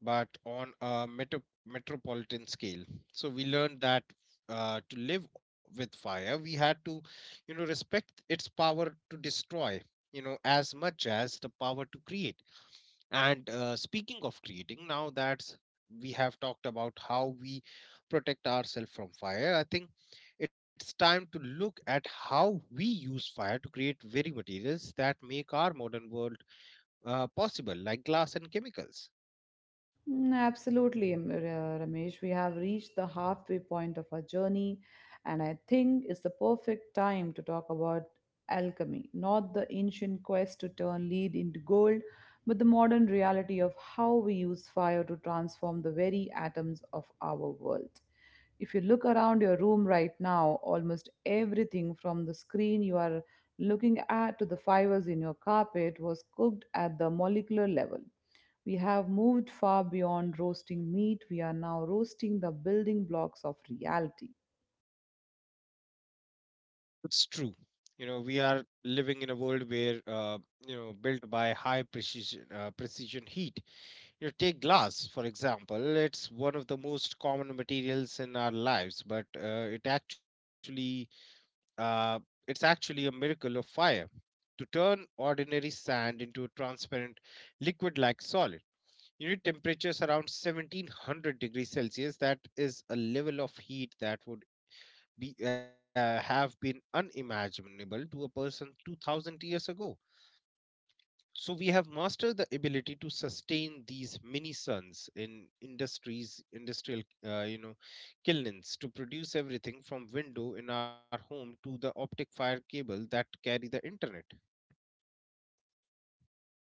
Speaker 2: But on a metropolitan scale. So we learned that to live with fire, we had to, you know, respect its power to destroy, you know, as much as the power to create. And speaking of creating, now that we have talked about how we protect ourselves from fire, I think it's time to look at how we use fire to create very materials that make our modern world possible, like glass and chemicals.
Speaker 1: Mm, absolutely, Ramesh. We have reached the halfway point of our journey, and I think it's the perfect time to talk about alchemy, not the ancient quest to turn lead into gold, but the modern reality of how we use fire to transform the very atoms of our world. If you look around your room right now, almost everything from the screen you are looking at to the fibers in your carpet was cooked at the molecular level. We have moved far beyond roasting meat. We are now roasting the building blocks of reality.
Speaker 2: It's true. You know, we are living in a world where, built by high precision, precision heat. You know, take glass, for example. It's one of the most common materials in our lives, but Uh, it's actually a miracle of fire to turn ordinary sand into a transparent liquid like solid. You need temperatures around 1700 degrees Celsius. That is a level of heat that would have been unimaginable to a person 2000 years ago. So we have mastered the ability to sustain these mini suns in industrial, kilns to produce everything from window in our home to the optic fire cable that carry the internet.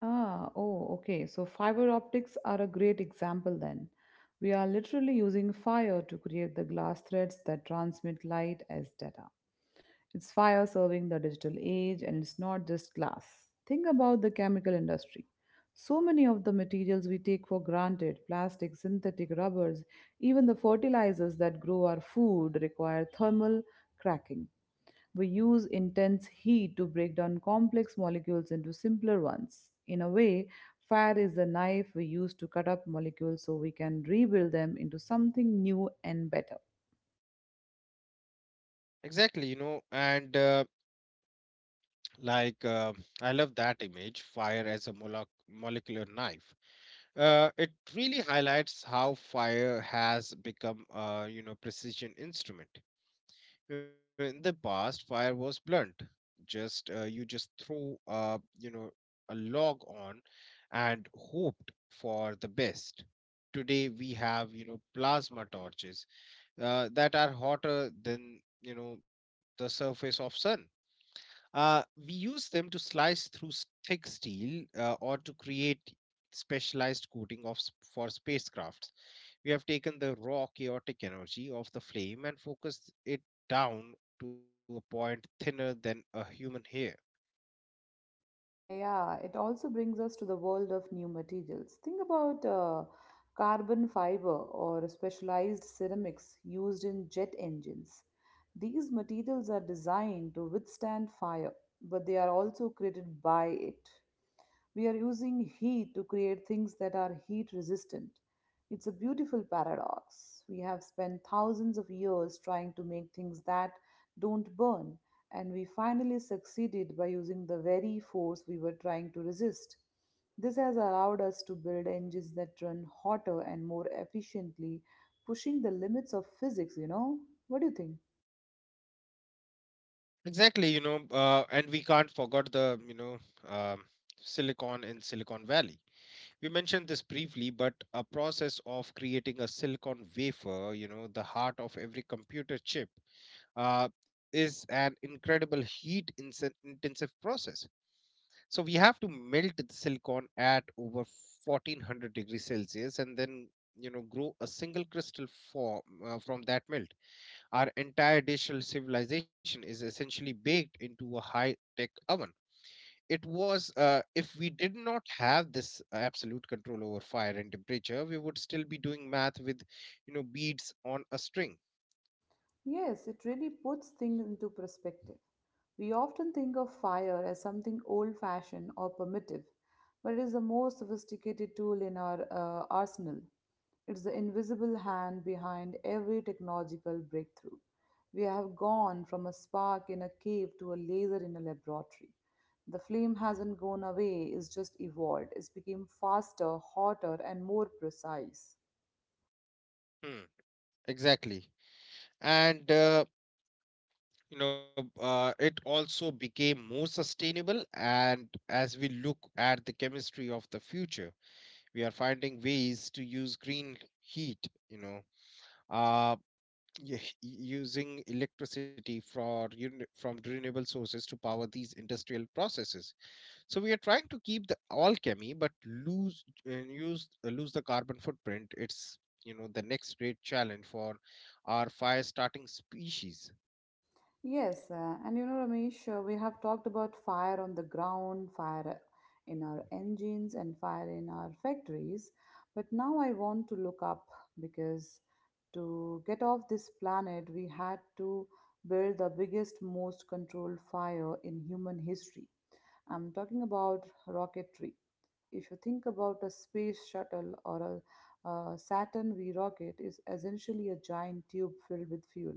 Speaker 1: Ah, oh, okay. So fiber optics are a great example then. We are literally using fire to create the glass threads that transmit light as data. It's fire serving the digital age, and it's not just glass. Think about the chemical industry. So many of the materials we take for granted, plastic, synthetic rubbers, even the fertilizers that grow our food, require thermal cracking. We use intense heat to break down complex molecules into simpler ones. In a way, fire is the knife we use to cut up molecules so we can rebuild them into something new and better.
Speaker 2: Exactly, you know, and Like, uh, I love that image, fire as a molecular knife. It really highlights how fire has become a, you know, precision instrument. In the past, fire was blunt. Just you just threw a, you know, a log on and hoped for the best. Today we have, you know, plasma torches that are hotter than, you know, the surface of sun. We use them to slice through thick steel or to create specialized coating of for spacecrafts. We have taken the raw chaotic energy of the flame and focused it down to a point thinner than a human hair.
Speaker 1: Yeah, it also brings us to the world of new materials. Think about carbon fiber or specialized ceramics used in jet engines. These materials are designed to withstand fire, but they are also created by it. We are using heat to create things that are heat resistant. It's a beautiful paradox. We have spent thousands of years trying to make things that don't burn, and we finally succeeded by using the very force we were trying to resist. This has allowed us to build engines that run hotter and more efficiently, pushing the limits of physics, you know? What do you think?
Speaker 2: Exactly, you know, and we can't forget the, you know, um, silicon in Silicon Valley. We mentioned this briefly, but a process of creating a silicon wafer, you know, the heart of every computer chip is an incredible heat intensive process. So we have to melt the silicon at over 1400 degrees Celsius and then, you know, grow a single crystal form from that melt. Our entire digital civilization is essentially baked into a high tech oven. It was if we did not have this absolute control over fire and temperature, we would still be doing math with, you know, beads on a string.
Speaker 1: Yes, it really puts things into perspective. We often think of fire as something old fashioned or primitive, but it is the most sophisticated tool in our arsenal. It's the invisible hand behind every technological breakthrough. We have gone from a spark in a cave to a laser in a laboratory. The flame hasn't gone away, it's just evolved. It's become faster, hotter, and more precise.
Speaker 2: Hmm, exactly. And it also became more sustainable. And as we look at the chemistry of the future, we are finding ways to use green heat, you know, uh, using electricity from renewable sources to power these industrial processes. So we are trying to keep the alchemy but lose and use lose the carbon footprint. It's, you know, the next great challenge for our fire starting species.
Speaker 1: Yes, and you know, Ramesh, we have talked about fire on the ground, fire in our engines, and fire in our factories. But now I want to look up because to get off this planet, we had to build the biggest, most controlled fire in human history. I'm talking about rocketry. If you think about a space shuttle or a Saturn V rocket, is essentially a giant tube filled with fuel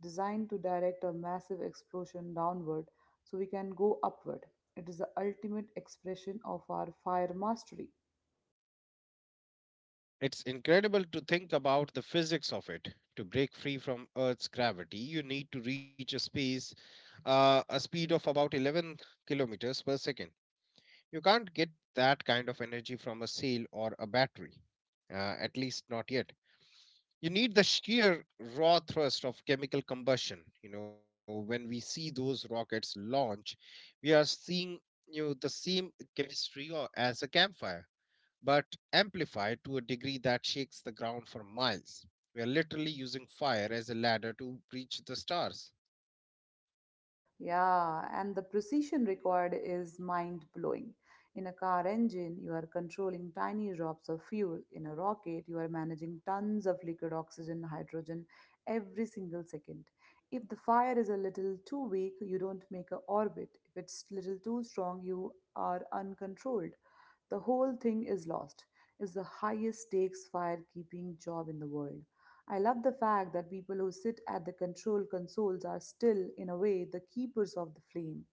Speaker 1: designed to direct a massive explosion downward so we can go upward. It is the ultimate expression of our fire mastery.
Speaker 2: It's incredible to think about the physics of it. To break free from earth's gravity you need to reach a space a speed of about 11 kilometers per second. You can't get that kind of energy from a sail or a battery, at least not yet. You need the sheer raw thrust of chemical combustion. You know, when we see those rockets launch, we are seeing, you know, the same chemistry or as a campfire, but amplified to a degree that shakes the ground for miles. We are literally using fire as a ladder to reach the stars.
Speaker 1: Yeah, and the precision required is mind blowing. In a car engine, you are controlling tiny drops of fuel. In a rocket, you are managing tons of liquid oxygen, hydrogen every single second. If the fire is a little too weak, you don't make a orbit. If it's little too strong, you are uncontrolled. The whole thing is lost. It's the highest stakes firekeeping job in the world. I love the fact that people who sit at the control consoles are still, in a way, the keepers of the flame,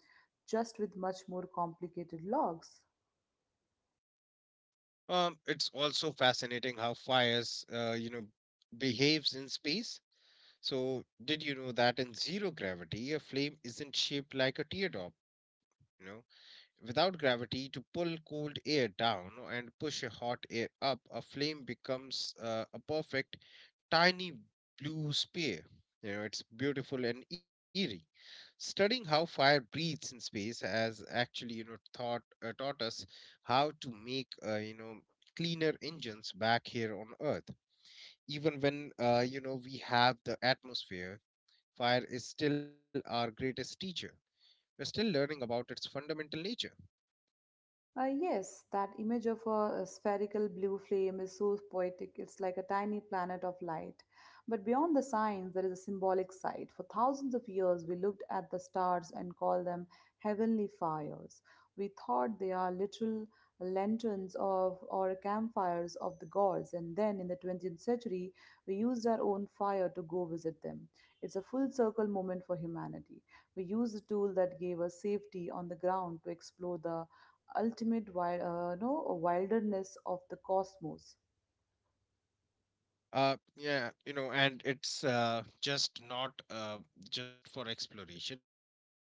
Speaker 1: just with much more complicated logs.
Speaker 2: It's also fascinating how fires, you know, behaves in space. So, did you know that in zero gravity, a flame isn't shaped like a teardrop? You know, without gravity to pull cold air down and push a hot air up, a flame becomes a perfect tiny blue sphere. You know, it's beautiful and eerie. Studying how fire breathes in space has actually, you know, taught us how to make, you know, cleaner engines back here on Earth. Even when, you know, we have the atmosphere, fire is still our greatest teacher. We're still learning about its fundamental nature.
Speaker 1: Yes, that image of a spherical blue flame is so poetic. It's like a tiny planet of light. But beyond the science, there is a symbolic side. For thousands of years, we looked at the stars and called them heavenly fires. We thought they are literal lanterns of or campfires of the gods. And then in the 20th century, we used our own fire to go visit them. It's a full circle moment for humanity. We used a tool that gave us safety on the ground to explore the ultimate wild, no, wilderness of the cosmos.
Speaker 2: Yeah, you know, and it's just not just for exploration. Our modern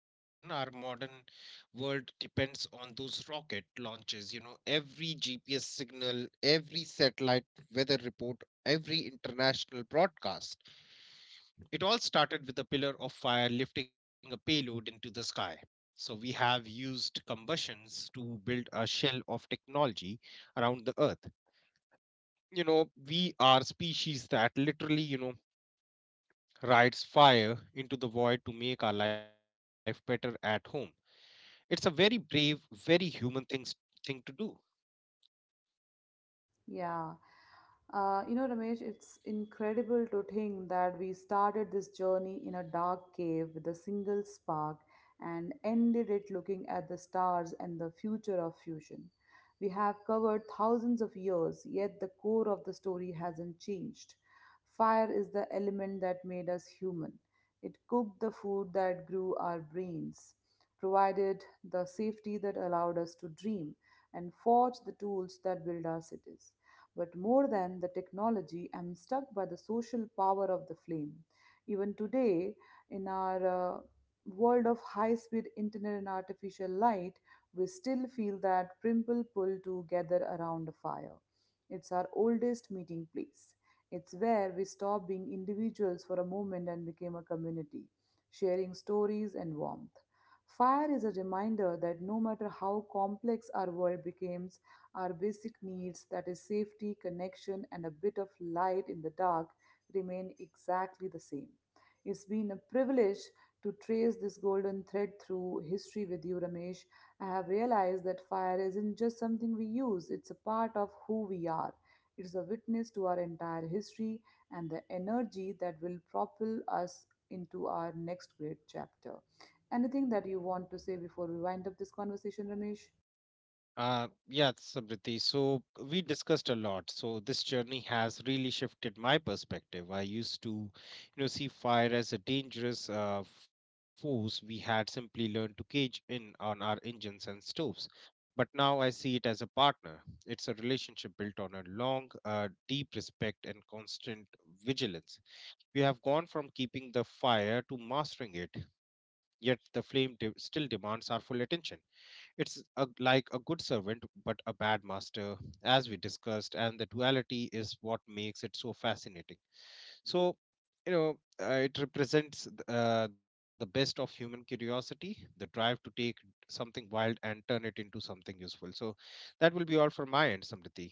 Speaker 2: world depends on those rocket launches. You know, every GPS signal, every satellite weather report, every international broadcast, it all started with a pillar of fire lifting a payload into the sky. So we have used combustions to build a shell of technology around the earth. You know, we are species that literally, you know, rides fire into the void to make our life better at home. It's a very brave, very human thing to do.
Speaker 1: Yeah. You know, Ramesh, it's incredible to think that we started this journey in a dark cave with a single spark and ended it looking at the stars and the future of fusion. We have covered thousands of years, yet the core of the story hasn't changed. Fire is the element that made us human. It cooked the food that grew our brains, provided the safety that allowed us to dream, and forged the tools that build our cities. But more than the technology, I'm struck by the social power of the flame. Even today, in our world of high speed internet and artificial light, we still feel that primple pull to gather around a fire. It's our oldest meeting place. It's where we stop being individuals for a moment and became a community, sharing stories and warmth. Fire is a reminder that no matter how complex our world became, our basic needs, that is, safety, connection, and a bit of light in the dark, remain exactly the same. It's been a privilege to trace this golden thread through history with you, Ramesh. I have realized that fire isn't just something we use, it's a part of who we are. It's a witness to our entire history and the energy that will propel us into our next great chapter. Anything that you want to say before we wind up this conversation, Ramesh?
Speaker 2: Yeah, Samriti. So we discussed a lot. So this journey has really shifted my perspective. I used to, you know, see fire as a dangerous force we had simply learned to cage in on our engines and stoves. But now I see it as a partner. It's a relationship built on a long, deep respect and constant vigilance. We have gone from keeping the fire to mastering it, yet the flame still demands our full attention. It's a, like a good servant, but a bad master, as we discussed, and the duality is what makes it so fascinating. So, you know, it represents the best of human curiosity, the drive to take something wild and turn it into something useful. So, that will be all for my end, Samriti.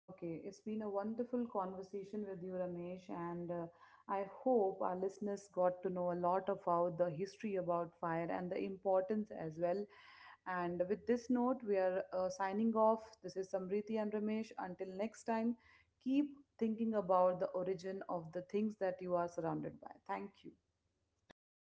Speaker 1: Okay, it's been a wonderful conversation with you, Ramesh, and I hope our listeners got to know a lot about the history about fire and the importance as well. And with this note, we are signing off. This is Samriti and Ramesh. Until next time, keep thinking about the origin of the things that you are surrounded by. Thank you.
Speaker 2: Thank you.